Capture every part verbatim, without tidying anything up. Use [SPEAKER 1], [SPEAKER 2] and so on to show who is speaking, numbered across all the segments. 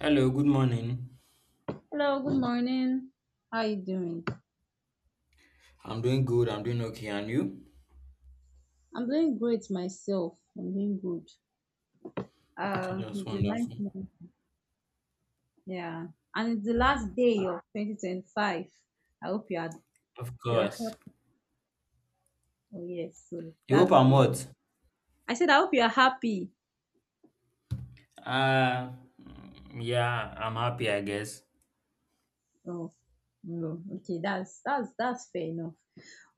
[SPEAKER 1] Hello, good morning.
[SPEAKER 2] Hello, good morning. How you doing?
[SPEAKER 1] I'm doing good. I'm doing okay. And you?
[SPEAKER 2] I'm doing great myself. I'm doing good.
[SPEAKER 1] Okay,
[SPEAKER 2] Uh,
[SPEAKER 1] that's
[SPEAKER 2] it's a nice
[SPEAKER 1] wonderful.
[SPEAKER 2] morning. Yeah, and it's the last day of twenty twenty-five. I hope you are
[SPEAKER 1] Of
[SPEAKER 2] you're
[SPEAKER 1] course.
[SPEAKER 2] happy. Oh yes, so
[SPEAKER 1] You hope
[SPEAKER 2] that's
[SPEAKER 1] I'm
[SPEAKER 2] great.
[SPEAKER 1] what?
[SPEAKER 2] I said I hope you are happy.
[SPEAKER 1] Uh, mm, yeah, I'm happy, I guess.
[SPEAKER 2] Oh, no. Okay, that's that's that's fair enough.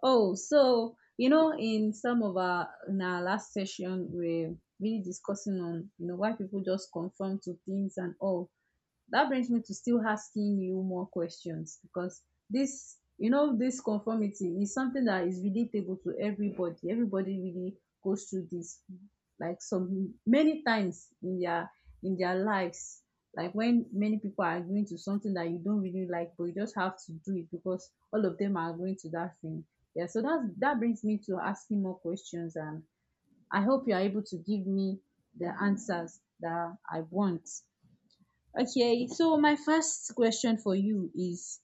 [SPEAKER 2] Oh, so you know, in some of our in our last session, we're really discussing on you know why people just conform to things, and all that brings me to still asking you more questions, because this you know this conformity is something that is relatable to everybody. Everybody really goes through this, like some many times in their in their lives, like when many people are agreeing to something that you don't really like, but you just have to do it because all of them are agreeing to that thing. Yeah, so that's that brings me to asking more questions, and I hope you are able to give me the answers that I want. Okay, so my first question for you is: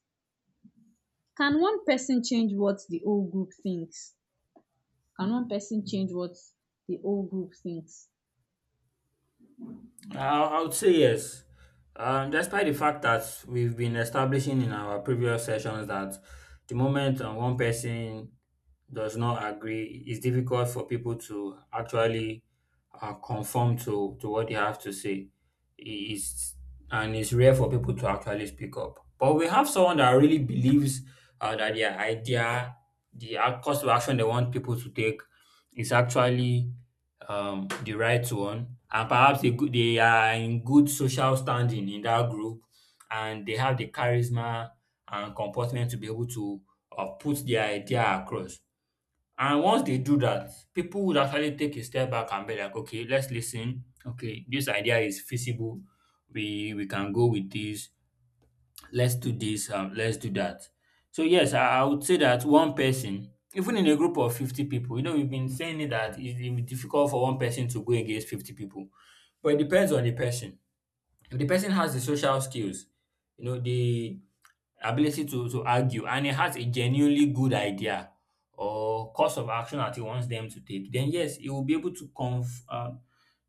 [SPEAKER 2] Can one person change what the whole group thinks? Can one person change what the whole group thinks?
[SPEAKER 1] Uh, I would say yes. Um, despite the fact that we've been establishing in our previous sessions that the moment uh, one person does not agree, it's difficult for people to actually uh, conform to, to what they have to say. It is, and it's rare for people to actually speak up. But we have someone that really believes uh, that their idea, the ac- course of action they want people to take, is actually um, the right one, and perhaps they, go- they are in good social standing in that group, and they have the charisma and comportment to be able to uh, put their idea across. And once they do that, people would actually take a step back and be like, okay, let's listen. Okay, this idea is feasible. We we can go with this, let's do this. Um, let's do that. So yes, I, I would say that one person, even in a group of fifty people, you know, we've been saying it that it's it difficult for one person to go against fifty people, but it depends on the person. If the person has the social skills, you know, the ability to, to argue, and he has a genuinely good idea or course of action that he wants them to take, then yes, he will be able to conf, uh,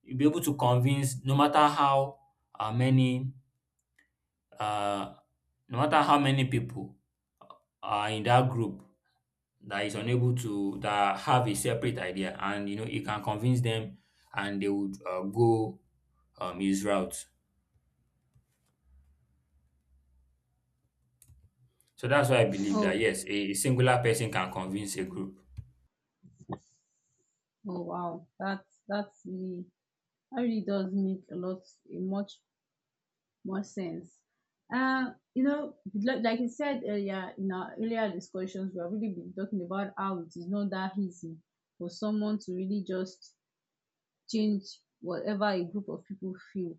[SPEAKER 1] you'll be able to convince no matter how uh, many uh, no matter how many people uh, in that group that is unable to that have a separate idea, and you know it can convince them, and they would uh, go um, his route. So that's why I believe
[SPEAKER 2] Oh,
[SPEAKER 1] that yes, a singular person can convince a group.
[SPEAKER 2] oh wow, that's that's really that really does make a lot a much more sense. Uh, you know, like like you said earlier, in our earlier discussions, we have really been talking about how it is not that easy for someone to really just change whatever a group of people feel.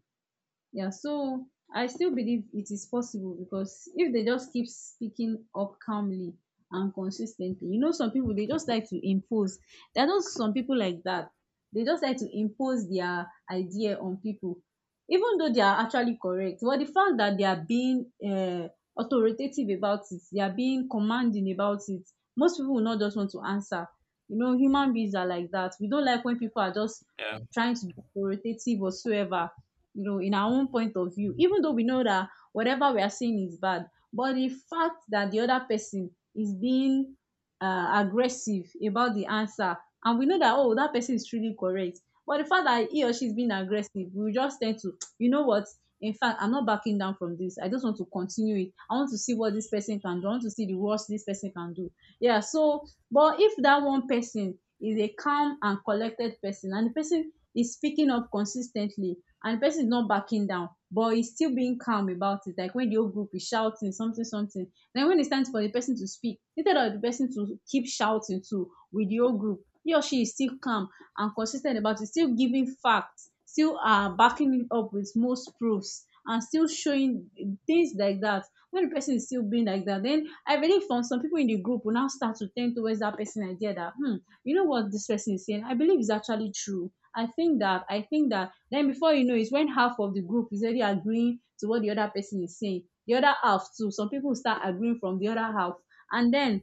[SPEAKER 2] Yeah, so I still believe it is possible, because if they just keep speaking up calmly and consistently, you know some people, they just like to impose. There are those, some people like that, they just like to impose their idea on people, even though they are actually correct. But the fact that they are being uh, authoritative about it, they are being commanding about it, most people will not just want to answer. You know human beings are like that. We don't like when people are just
[SPEAKER 1] Yeah.
[SPEAKER 2] trying to be authoritative whatsoever. You know, in our own point of view, even though we know that whatever we are seeing is bad, but the fact that the other person is being uh, aggressive about the answer, and we know that, oh, that person is truly correct, but the fact that he or she is being aggressive, we just tend to, you know what? In fact, I'm not backing down from this. I just want to continue it. I want to see what this person can do. I want to see the worst this person can do. Yeah. So, but if that one person is a calm and collected person, and the person is speaking up consistently, and the person is not backing down but he's still being calm about it, like when the whole group is shouting something something, then when it's time for the person to speak, instead of the person to keep shouting too with the whole group, he or she is still calm and consistent about it, still giving facts, still uh, backing it up with most proofs, and still showing things like that. When the person is still being like that, then I believe from some people in the group will now start to tend towards that person idea, that hmm you know what this person is saying? I believe is actually true. I think that, I think that. Then before you know, it's when half of the group is already agreeing to what the other person is saying. The other half too. Some people start agreeing from the other half, and then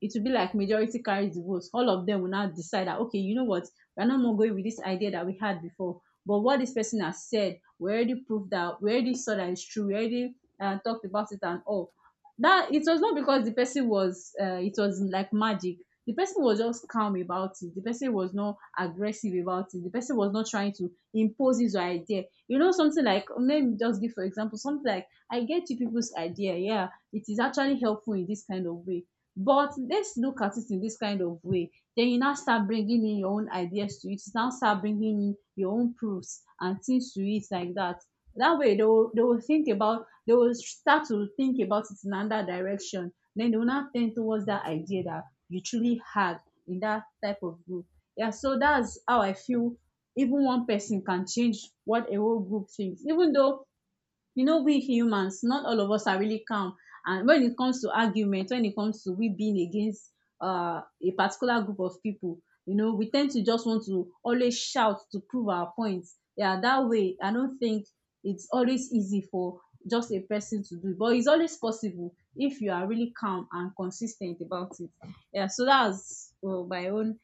[SPEAKER 2] it will be like majority carries the votes. All of them will now decide that, okay, you know what, we're not more going with this idea that we had before. But what this person has said, we already proved that, we already saw that it's true. We already uh, talked about it and all. That it was not because the person was, uh, it was like magic. The person was just calm about it. The person was not aggressive about it. The person was not trying to impose his idea. You know, something like, let me just give for example, something like, I get you people's idea. Yeah, it is actually helpful in this kind of way, but let's look at it in this kind of way. Then you now start bringing in your own ideas to it. You now start bringing in your own proofs and things to it like that. That way they will, they will think about, they will start to think about it in another direction. Then they will not tend towards that idea that you truly had in that type of group. Yeah, so that's how I feel, even one person can change what a whole group thinks. Even though you know we humans, not all of us are really calm, and when it comes to argument, when it comes to we being against uh, a particular group of people, you know we tend to just want to always shout to prove our points. Yeah, that way I don't think it's always easy for just a person to do it, but it's always possible if you are really calm and consistent about it. Yeah, so that's, well, my own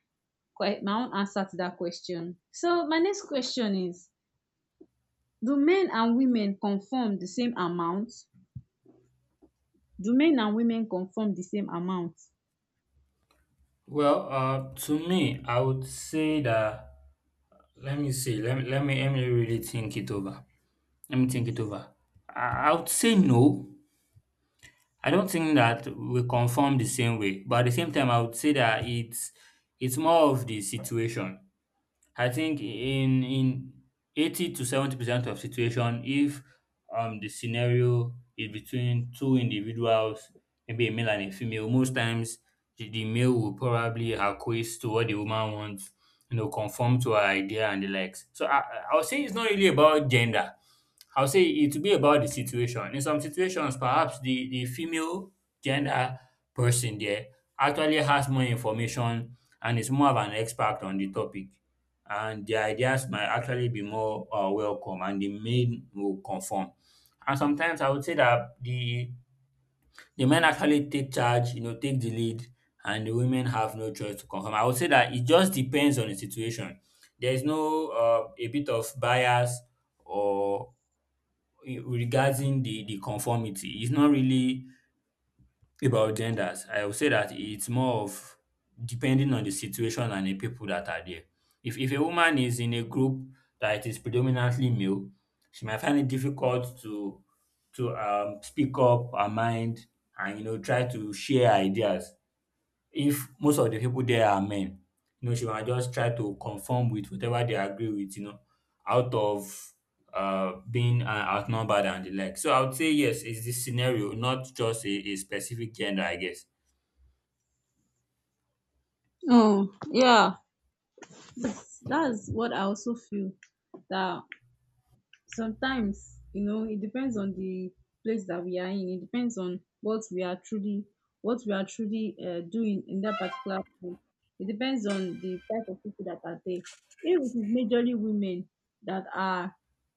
[SPEAKER 2] que- my own answer to that question. So my next question is: Do men and women conform the same amount? Do men and women conform the same amount?
[SPEAKER 1] Well, uh, to me I would say that, let me see, let me let me, let me really think it over, let me think it over. I, I would say no. I don't think that we conform the same way, but at the same time I would say that it's it's more of the situation. I think in in eighty to seventy percent of situation, if um the scenario is between two individuals, maybe a male and a female, most times the, the male will probably acquiesce to what the woman wants, you know, conform to her idea and the likes. So I I- I'll say it's not really about gender. I would say it will be about the situation. In some situations, perhaps the, the female gender person there actually has more information and is more of an expert on the topic, and their ideas might actually be more uh, welcome and the men will conform. And sometimes I would say that the the men actually take charge, you know, take the lead, and the women have no choice to conform. I would say that it just depends on the situation. There is no uh, a bit of bias or regarding the the conformity. It's not really about genders, I would say that it's more of depending on the situation and the people that are there. If if a woman is in a group that is predominantly male, she might find it difficult to to um, speak up her mind and you know try to share ideas if most of the people there are men, you know, she might just try to conform with whatever they agree with, you know, out of uh, being uh, outnumbered and the like. So I would say yes, it's this scenario, not just a, a specific gender, I guess.
[SPEAKER 2] Oh yeah, thats thats what I also feel. That sometimes, you know it depends on the place that we are in, it depends on what we are truly, what we are truly uh, doing in that particular place. It depends on the type of people that are there. If it is majorly women that are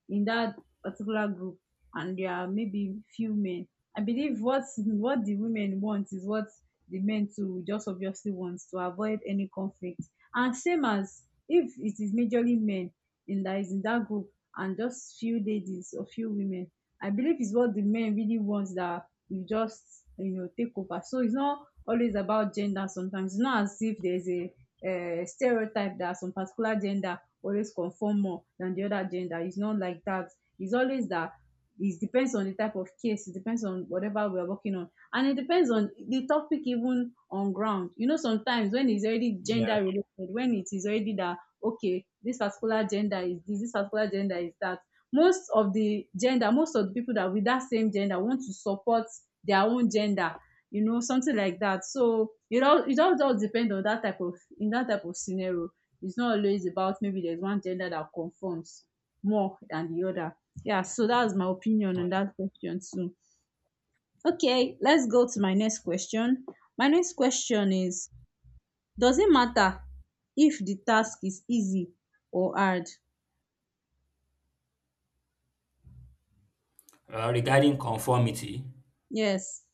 [SPEAKER 2] in that particular group, and there are maybe few men, I believe what what the women want is what the men too just obviously wants, to avoid any conflict. And same as, if it is majorly men in that is in that group, and just few ladies or few women. I believe it's what the men really want that you just, you know take over. So it's not always about gender. Sometimes it's not as if there's a uh, stereotype that some particular gender always conform more than the other gender. It's not like that. It's always that it depends on the type of case, it depends on whatever we're working on, and it depends on the topic, even on ground. You know sometimes when it's already
[SPEAKER 1] Yeah.
[SPEAKER 2] gender related, when it is already that, okay, this particular gender is this, this particular gender is that, most of the gender most of the people that with that same gender want to support their own gender. You know something like that. So it all it all just depend on that type of in that type of scenario. It's not always about maybe there's one gender that conforms more than the other. Yeah, so that's my opinion on that question too. Okay, let's go to my next question. My next question is: Doesn't matter if the task is easy or hard?
[SPEAKER 1] Uh, regarding conformity,
[SPEAKER 2] Yes.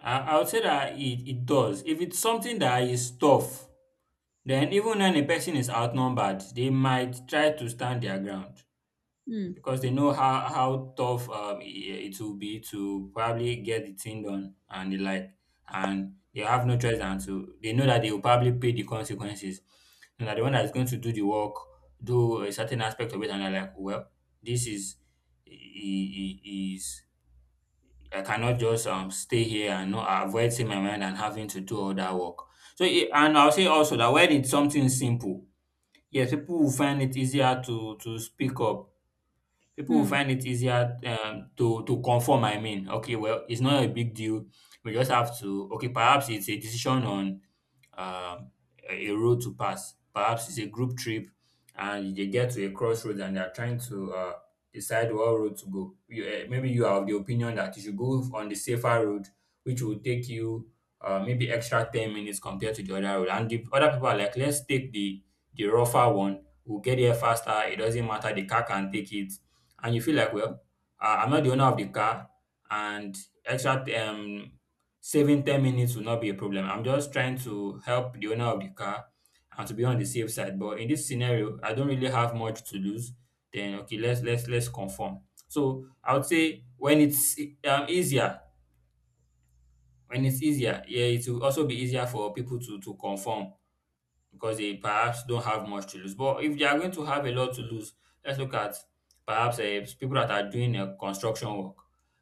[SPEAKER 1] I, I would say that it, it does. If it's something that is tough, then even when a person is outnumbered, they might try to stand their ground,
[SPEAKER 2] um
[SPEAKER 1] because they know how how tough um, i- it will be to probably get the thing done and the like, and they have no choice than to. They know that they will probably pay the consequences, and that the one that is going to do the work, do a certain aspect of it, and they're like, well, this is i- i- i- is I cannot just um stay here and not avoid seeing my mind and having to do all that work. So i- and I'll say also that when it's something simple, yes, people will find it easier to to speak up. People will
[SPEAKER 2] um
[SPEAKER 1] find it easier um, to to conform. I mean, okay, well, it's not a big deal. We just have to okay. Perhaps it's a decision on um, a a road to pass. Perhaps it's a group trip, and they get to a crossroads and they are trying to uh, decide what road to go. You, uh, maybe you are of the opinion that you should go on the safer road, which will take you uh, maybe extra ten minutes compared to the other road. And the other people are like, let's take the the rougher one. We'll get there faster. It doesn't matter. The car can take it. And you feel like, well, uh, I'm not the owner of the car, and extra um, saving ten minutes will not be a problem. I'm just trying to help the owner of the car and to be on the safe side. But in this scenario, I don't really have much to lose. Then okay, let's let's let's conform. So I would say when it's um, easier, when it's easier, yeah, it will also be easier for people to to conform because they perhaps don't have much to lose. But if they are going to have a lot to lose, let's look at perhaps uh, people that are doing a construction work.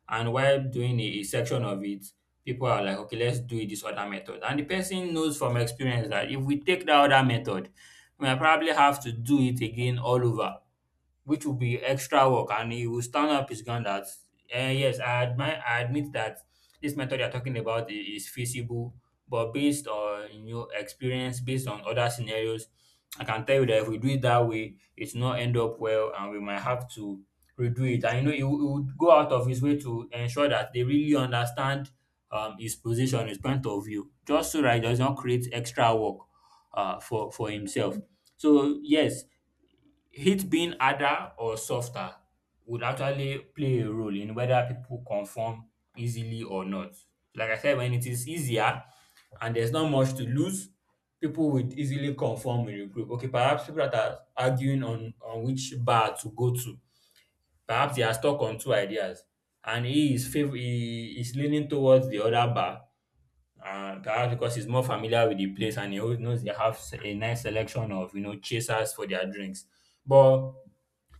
[SPEAKER 1] And while doing a, a section of it, people are like, okay, let's do it this other method. And the person knows from experience that if we take that other method, we might probably have to do it again all over, which will be extra work, and he will stand up his ground that eh, yes, I admit, I admit that this method you're talking about i- is feasible, but based on your experience, based on other scenarios, I can tell you that if we do it that way it's not end up well and we might have to redo it, and you know he, wou- he would go out of his way to ensure that they really understand um, his position, his point of view, just so that he does not create extra work uh, for for himself. So yes, it being harder or softer would actually play a role in whether people conform easily or not. Like I said, when it is easier and there's not much to lose, people would easily conform with the group. Okay, perhaps people that are arguing on, on which bar to go to, perhaps they are stuck on two ideas, and he is fav- he is leaning towards the other bar. Uh, perhaps because he's more familiar with the place and he always knows they have s- a nice selection of you know chasers for their drinks. But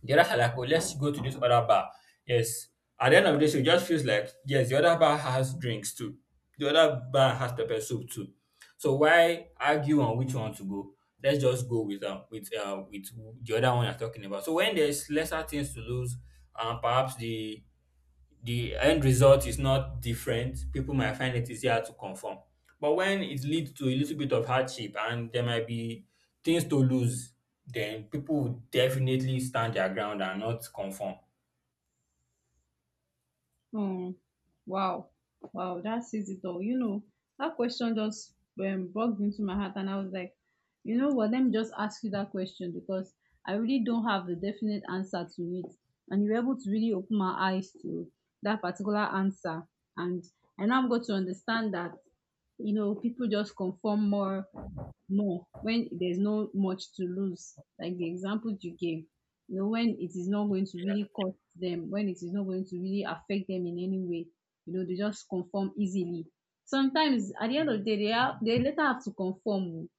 [SPEAKER 1] the others are like, oh, let's go to this other bar. Yes. At the end of this, it just feels like, yes, the other bar has drinks too. The other bar has pepper soup too. So why argue on which one to go? Let's just go with um with uh with the other one you're talking about. So when there's lesser things to lose, um perhaps the the end result is not different, people might find it easier to conform. But when it leads to a little bit of hardship and there might be things to lose, then people would definitely stand their ground and not conform.
[SPEAKER 2] um wow, wow, dat says it all. You know that question just um bugged into my heart, and I was like, you know what, let me just ask you that question, because I really don't have the definite answer to it, and you were able to really open my eyes to that particular answer. And I now got to understand that, you know people just conform more more when there's no much to lose, like the example you gave. You know when it is not going to really cost them, when it is not going to really affect them in any way, you know they just conform easily. Sometimes at the end of the day, they, have, they later have to conform.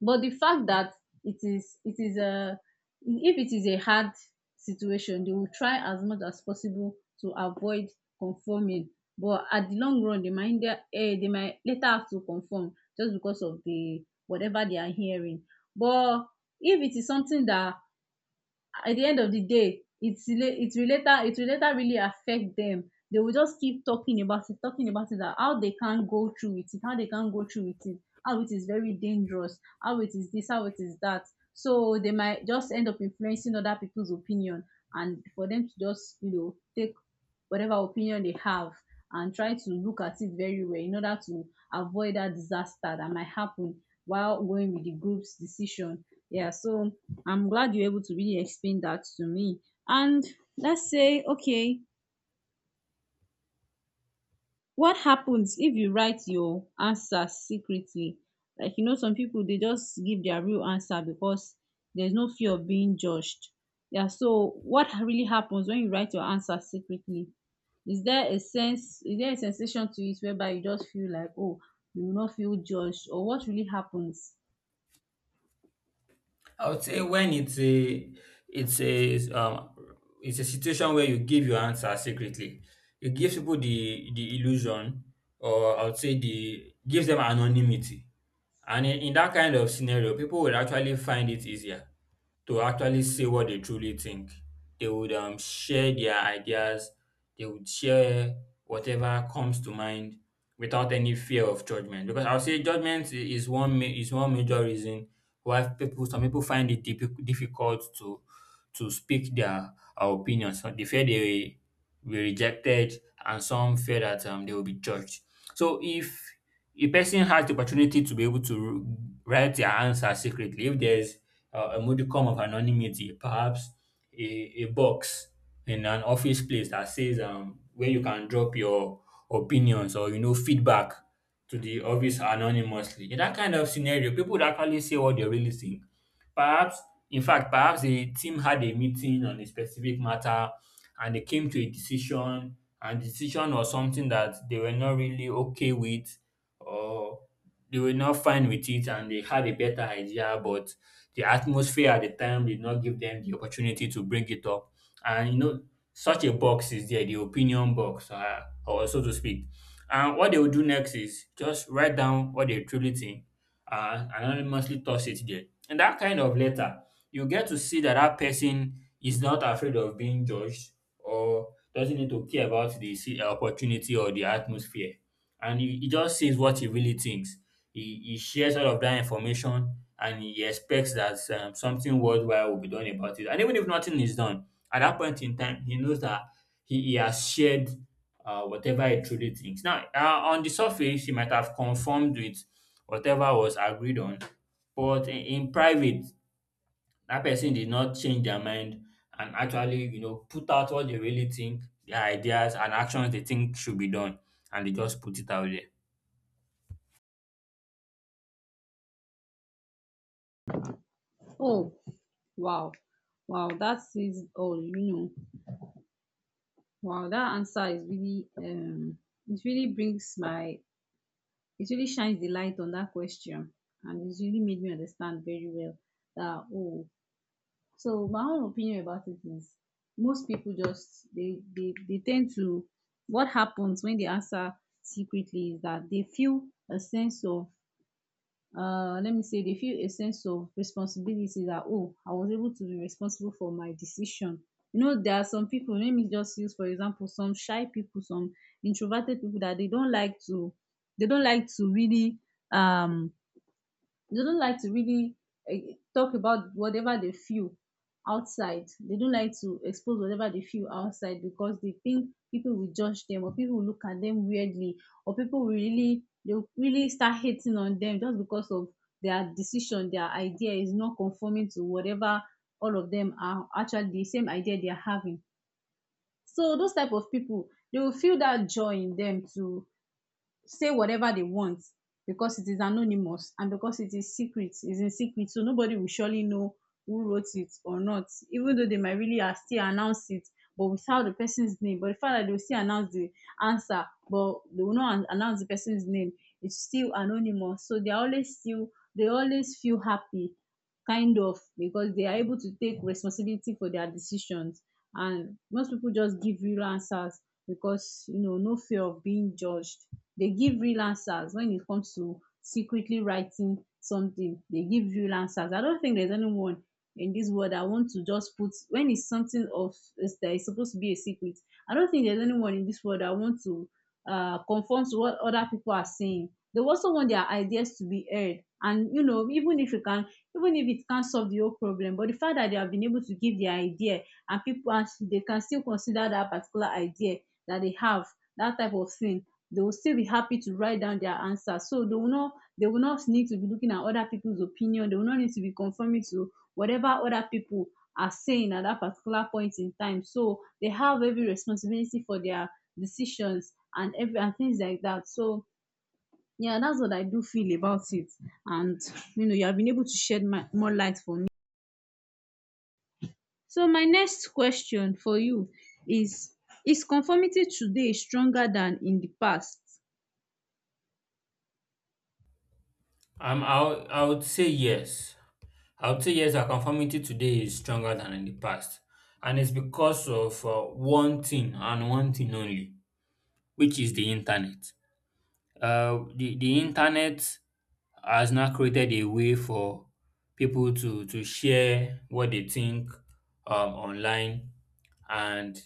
[SPEAKER 2] But the fact that, it is it is a if it is a hard situation, they will try as much as possible to avoid conforming. But at the long run, they might eh, they might later have to conform, just because of the whatever they are hearing. But if it is something that at the end of the day, it's rela- it will later it will later really affect them, they will just keep talking about it, talking about it, that how they can't go through with it, how they can't go through with it, how it is very dangerous, how it is this, how it is that. So they might just end up influencing other people's opinion, and for them to just, you know take whatever opinion they have, and try to look at it very well in order to avoid that disaster that might happen while going with the group's decision. Yeah, so I'm glad you're able to really explain that to me. And let's say, okay, what happens if you write your answer secretly? Like, you know, some people they just give their real answer because there's no fear of being judged. Yeah, so what really happens when you write your answer secretly? Is there a sense, is there a sensation to it whereby you just feel like, oh, you will not feel judged, or what really happens?
[SPEAKER 1] I would say when it's a it's a um it's a situation where you give your answer secretly. It gives people the the illusion, or I would say the gives them anonymity. And in, in that kind of scenario, people will actually find it easier to actually say what they truly think. They would um, share their ideas, they would share whatever comes to mind without any fear of judgment. Because I'll say judgment i- is one ma- is one major reason why people some people find it diffi- difficult to to speak their uh, opinions. So they fear they will be rejected, and some fear that um, they will be judged. So if a person has the opportunity to be able to write their answer secretly, if there's uh, a modicum of anonymity, perhaps a, a box in an office place that says um, where you can drop your opinions or you know feedback to the office anonymously. In that kind of scenario, people would actually say what they really think. Perhaps, in fact, perhaps a team had a meeting on a specific matter and they came to a decision, and the decision was something that they were not really okay with, or they were not fine with it and they had a better idea, but the atmosphere at the time did not give them the opportunity to bring it up. And you know, such a box is there, the opinion box, uh, or so to speak. And what they will do next is just write down what they truly think and anonymously toss it there. And that kind of letter, you get to see that that person is not afraid of being judged or doesn't need to care about the se- opportunity or the atmosphere. And he, he just says what he really thinks. He, he shares all of that information and he expects that um, something worldwide will be done about it. And even if nothing is done, at that point in time, he knows that he, he has shared uh, whatever he truly thinks. Now, uh, on the surface, he might have conformed with whatever was agreed on, but in, in private, that person did not change their mind and actually, you know, put out what they really think, their ideas and actions they think should be done, and they just put it out there.
[SPEAKER 2] Oh, wow, wow, that is all, you know. Wow, that answer is really, um it really brings my it really shines the light on that question, and it's really made me understand very well that, oh, so my own opinion about it is, most people just, they they, they tend to — what happens when they answer secretly is that they feel a sense of uh, let me say they feel a sense of responsibility, that, oh, I was able to be responsible for my decision. You know, there are some people, let me just use for example, some shy people, some introverted people, that they don't like to they don't like to really um they don't like to really eh, talk about whatever they feel outside. They don't like to expose whatever they feel outside, because they think people will judge them, or people will look at them weirdly, or people will really they'll really start hating on them, just because of their decision, their idea is not conforming to whatever all of them are actually the same idea they are having. So those type of people, they will feel that joy in them to say whatever they want, because it is anonymous, and because it is secret, is in secret, so nobody will surely know who wrote it or not, even though they might really are still announce it, but without the person's name. But the fact that they will still announce the answer, but they will not announce the person's name, it's still anonymous, so they are always still they always feel happy, kind of, because they are able to take responsibility for their decisions. And most people just give real answers, because, you know, no fear of being judged. They give real answers. When it comes to secretly writing something, they give real answers. I don't think there's anyone in this world — I want to just put, when it's something of is that is supposed to be a secret, I don't think there's anyone in this world I want to uh conform to what other people are saying. They also want their ideas to be heard. And, you know, even if you can even if it can't solve the whole problem, but the fact that they have been able to give their idea, and people, and they can still consider that particular idea that they have, that type of thing, they will still be happy to write down their answer. So they will not they will not need to be looking at other people's opinion, they will not need to be conforming to whatever other people are saying at that particular point in time. So they have every responsibility for their decisions, and every and things like that. So yeah, that's what I do feel about it. And, you know, you have been able to shed my, more light for me. So my next question for you is, is conformity today stronger than in the past?
[SPEAKER 1] Um, I I would say yes. I would say yes, our conformity today is stronger than in the past. And it's because of uh, one thing and one thing only, which is the internet. Uh, the, the internet has now created a way for people to, to share what they think um, online. And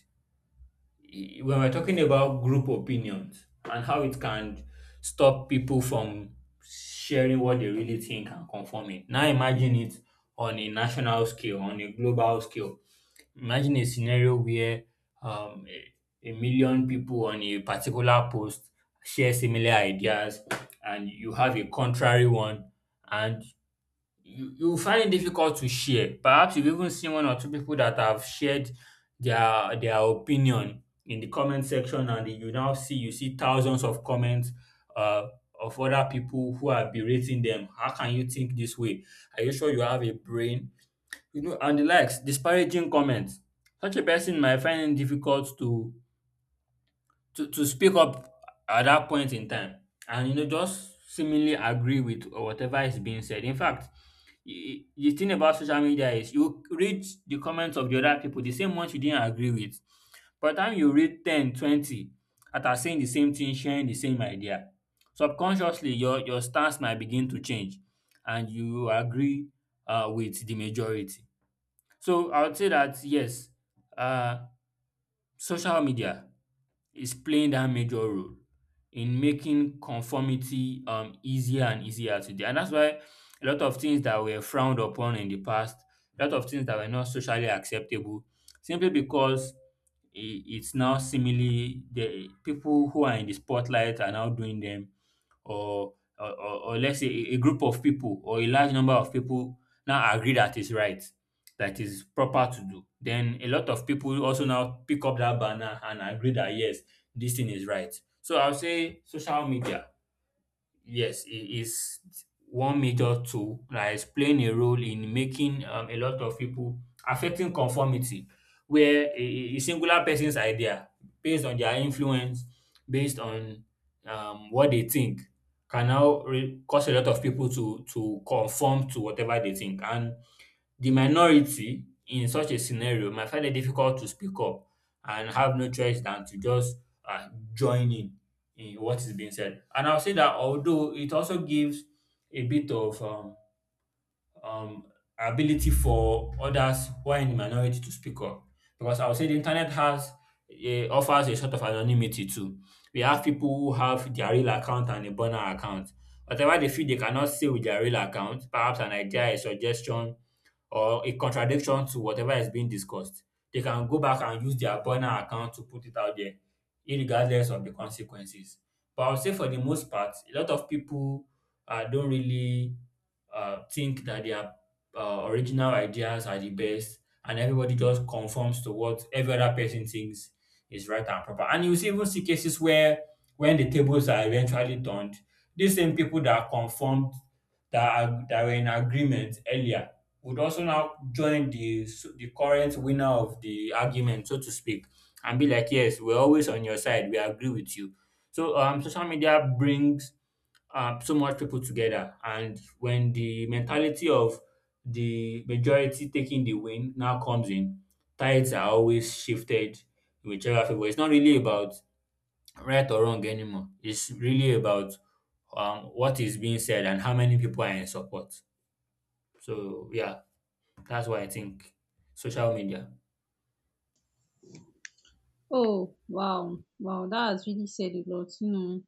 [SPEAKER 1] when we're talking about group opinions and how it can stop people from sharing what they really think and conforming. Now imagine it on a national scale, on a global scale. Imagine a scenario where um, a, a million people on a particular post share similar ideas and you have a contrary one, and you you will find it difficult to share. Perhaps you've even seen one or two people that have shared their their opinion in the comment section, and you now see you see thousands of comments uh, of other people who are berating them. How can you think this way? Are you sure you have a brain? You know, and the likes, disparaging comments. Such a person might find it difficult to to to speak up at that point in time, and you know, just seemingly agree with whatever is being said. In fact, y- the thing about social media is you read the comments of the other people, the same ones you didn't agree with. By the time you read ten, twenty, 20 that are saying the same thing, sharing the same idea, subconsciously your, your stance might begin to change and you agree uh, with the majority. So I would say that yes, uh, social media is playing that major role in making conformity um, easier and easier today. And that's why a lot of things that were frowned upon in the past, a lot of things that were not socially acceptable, simply because i- it's now seemingly the people who are in the spotlight are now doing them, or or or or let's say a a group of people or a large number of people now agree that is right, that is proper to do, then a lot of people also now pick up that banner and agree that yes, this thing is right. So I'll say social media, yes, it is one major tool that is playing a role in making um, a lot of people affecting conformity, where a, a a singular person's idea, based on their influence, based on um, what they think, can now re- cause a lot of people to to conform to whatever they think. And the minority in such a scenario might find it difficult to speak up and have no choice than to just uh, join in in what is being said. And I'll say that although it also gives a bit of um, um, ability for others who are in the minority to speak up, because I'll say the internet has uh, offers a sort of anonymity too. We have people who have their real account and a burner account. Whatever they feel they cannot say with their real account, perhaps an idea, a suggestion, or a contradiction to whatever is being discussed, they can go back and use their burner account to put it out there, irregardless of the consequences. But I would say for the most part, a lot of people uh, don't really uh, think that their uh, original ideas are the best, and everybody just conforms to what every other person thinks is right and proper. And you see, even see cases where when the tables are eventually turned, these same people that conformed that are, that were in agreement earlier would also now join the s- the current winner of the argument, so to speak, and be like, "Yes, we're always on your side. We agree with you." So um, social media brings um, so much people together, and when the mentality of the majority taking the win now comes in, tides are always shifted in whichever favor. It's not really about right or wrong anymore. It's really about um, what is being said and how many people are in support. So yeah, that's why I think social media.
[SPEAKER 2] Oh, wow. Wow, that has really said a lot, you know.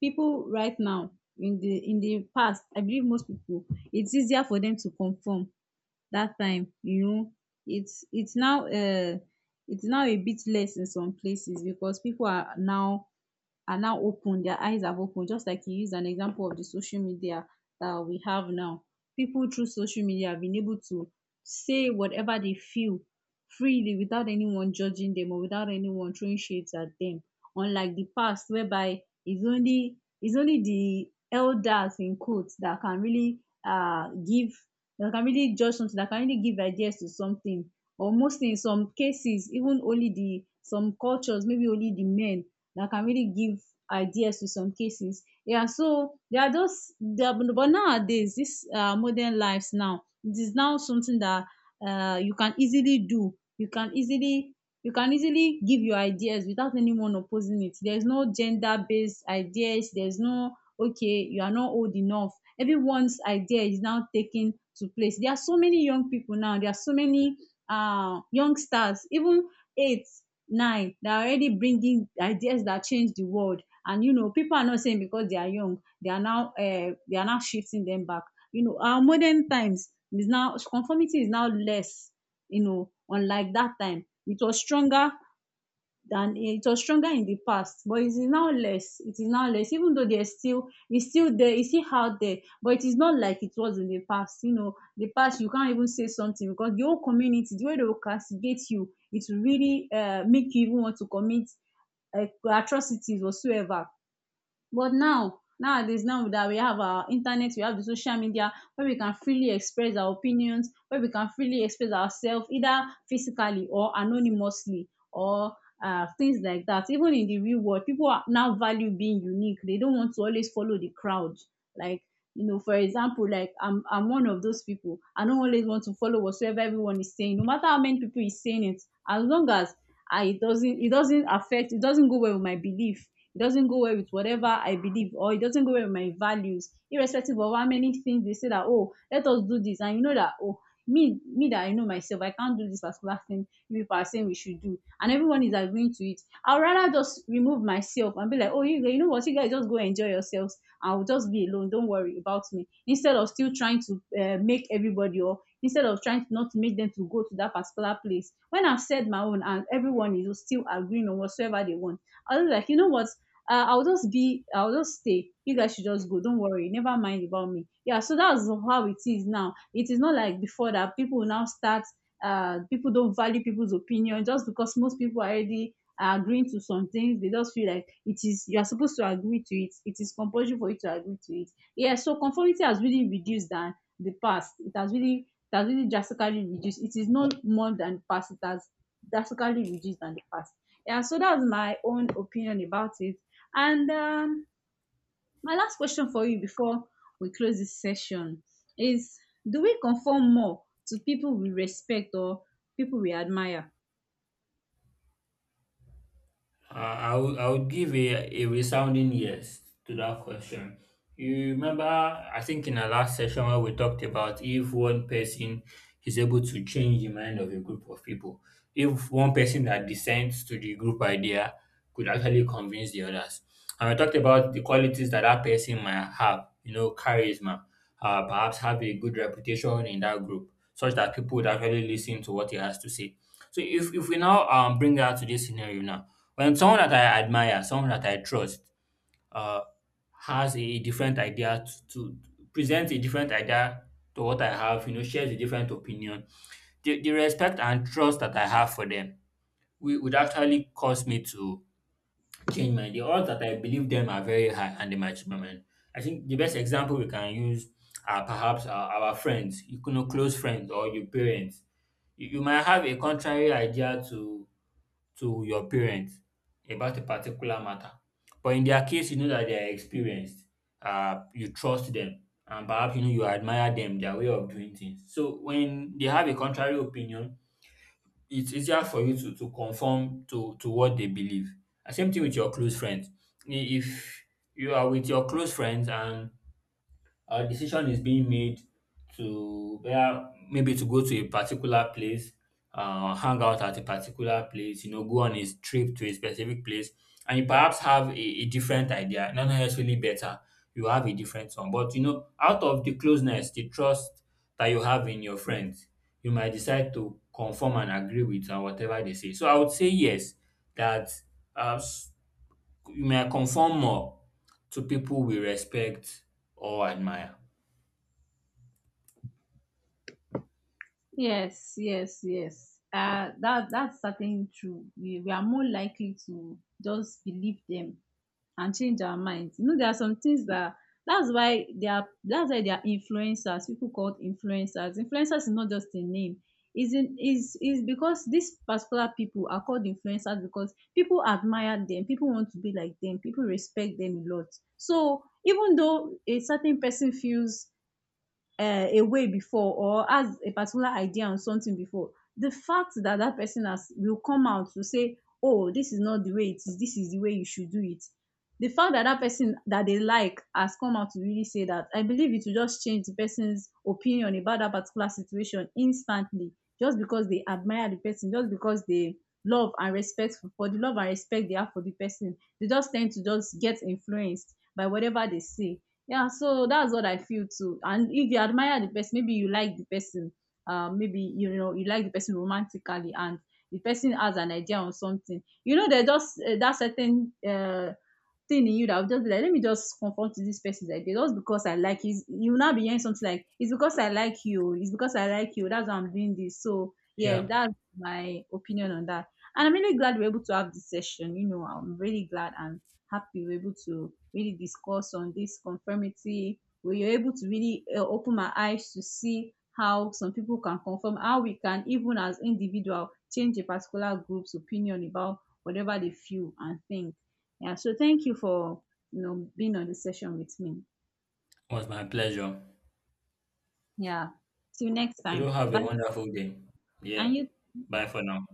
[SPEAKER 2] People right now, in the in the past, I believe most people, it's easier for them to conform that time, you know. It's it's now uh it's now a bit less in some places, because people are now are now open, their eyes have opened, just like you used an example of the social media that we have now. People through social media have been able to say whatever they feel freely, without anyone judging them, or without anyone throwing shades at them. Unlike the past, whereby it's only it's only the elders, in quotes, that can really uh give that can really judge something, that can really give ideas to something. Or mostly in some cases, even only the, some cultures, maybe only the men that can really give ideas to some cases. Yeah, so there are those, there are, but nowadays, this uh, modern lives now, it is now something that uh, you can easily do. You can easily you can easily give your ideas without anyone opposing it. There's no gender based ideas. There's no, okay, you are not old enough. Everyone's idea is now taken to place. There are so many young people now. There are so many uh youngsters, even eight nine they are already bringing ideas that change the world, and, you know, people are not saying because they are young they are now uh, they are now shifting them back. You know, our modern times is now, conformity is now less. You know, unlike that time, it was stronger than it was stronger in the past, but it is now less it is now less, even though there's still, it's still there, it's still out there, but it is not like it was in the past. You know, the past, you can't even say something, because the whole community, the way they will castigate you, it will really uh, make you even want to commit uh, atrocities whatsoever. But now, nowadays, now that we have our internet, we have the social media where we can freely express our opinions, where we can freely express ourselves either physically or anonymously, or uh, things like that. Even in the real world, people are now value being unique. They don't want to always follow the crowd. Like, you know, for example, like I'm I'm one of those people. I don't always want to follow whatsoever everyone is saying, no matter how many people is saying it, as long as I it doesn't it doesn't affect it doesn't go well with my belief, it doesn't go well with whatever I believe, or it doesn't go well with my values, irrespective of how many things they say that, oh, let us do this. And you know that, oh, me, me that I know myself, I can't do this particular thing you people are saying we should do. And everyone is agreeing to it. I'd rather just remove myself and be like, oh, you, you know what, you guys just go enjoy yourselves. I'll just be alone. Don't worry about me. Instead of still trying to uh, make everybody, or instead of trying to not to make them to go to that particular place. When I've said my own and everyone is still agreeing on whatsoever they want, I was like, you know what? uh, I'll just be, I'll just stay. You guys should just go. Don't worry. Never mind about me. Yeah. So that's how it is now. It is not like before that people now start, uh, people don't value people's opinion, just because most people are already are agreeing to some things. They just feel like it is, you are supposed to agree to it. It is compulsory for you to agree to it. Yeah. So conformity has really reduced than the past. It has really, it has really drastically reduced. It is not more than the past. It has drastically reduced than the past. Yeah, so that's my own opinion about it. And um, my last question for you, before we close this session, is, do we conform more to people we respect or people we admire?
[SPEAKER 1] Uh, I would I would give a, a resounding yes to that question. You remember, I think in our last session where we talked about if one person is able to change the mind of a group of people, if one person that dissents to the group idea could actually convince the others. And we talked about the qualities that that person might have, you know, charisma, uh, perhaps have a good reputation in that group, such that people would actually listen to what he has to say. So if, if we now um, bring that to this scenario now, when someone that I admire, someone that I trust, uh, has a different idea to, to presents a different idea to what I have, you know, shares a different opinion, the, the respect and trust that I have for them wi- would actually cause me to change my the odds that I believe them are very high and they might change my mind. I think the best example we can use are perhaps our, our friends, you know, close friends or your parents. You, you might have a contrary idea to to your parents about a particular matter. But in their case, you know that they are experienced, um, you trust them, and perhaps you know you admire them, their way of doing things. So when they have a contrary opinion, it's easier for you to, to conform to, to what they believe. And same thing with your close friends. I- If you are with your close friends and a decision is being made to where maybe to go to a particular place, uh, hang out at a particular place, you know, go on a trip to a specific place, and you perhaps have a, a different idea, not necessarily better. You have a different one, but you know, out of the closeness, the trust that you have in your friends, you might decide to conform and agree with uh, whatever they say. So I would say yes, that uh, s- you may conform more to people we respect or admire.
[SPEAKER 2] Yes, yes, yes. Uh, that that's certainly true. We, we are more likely to just believe them and change our minds. You know, there are some things that, that's why they are that's why they are influencers, people called influencers. Influencers is not just a name. Is in is is because these particular people are called influencers, because people admire them, people want to be like them, people respect them a lot. So even though a certain person feels uh, a way before, or has a particular idea on something before, the fact that that person has will come out to say, "Oh, this is not the way it is. This is the way you should do it." The fact that that person that they like has come out to really say that, I believe it will just change the person's opinion about that particular situation instantly, just because they admire the person, just because they love and respect for the love and respect they have for the person. They just tend to just get influenced by whatever they see. Yeah, so that's what I feel too. And if you admire the person, maybe you like the person, uh, maybe, you know, you like the person romantically, and the person has an idea on something. You know, there's just uh, that certain uh, thing in you that will just be like, let me just confront to this person's idea, just because I like it. You will not be hearing something like, it's because i like you it's because I like you, that's why I'm doing this. So yeah,
[SPEAKER 1] Yeah,
[SPEAKER 2] that's my opinion on that. And I'm really glad we're able to have this session, you know, I'm really glad and happy we were able to really discuss on this conformity. We were able to really uh, open my eyes to see how some people can conform, how we can even as individual change a particular group's opinion about whatever they feel and think. Yeah, so thank you for you know being on the session with me.
[SPEAKER 1] it was my pleasure.
[SPEAKER 2] Yeah. Till next
[SPEAKER 1] You do
[SPEAKER 2] time.
[SPEAKER 1] have a
[SPEAKER 2] Bye.
[SPEAKER 1] wonderful day.
[SPEAKER 2] And
[SPEAKER 1] Yeah,
[SPEAKER 2] you
[SPEAKER 1] bye for now.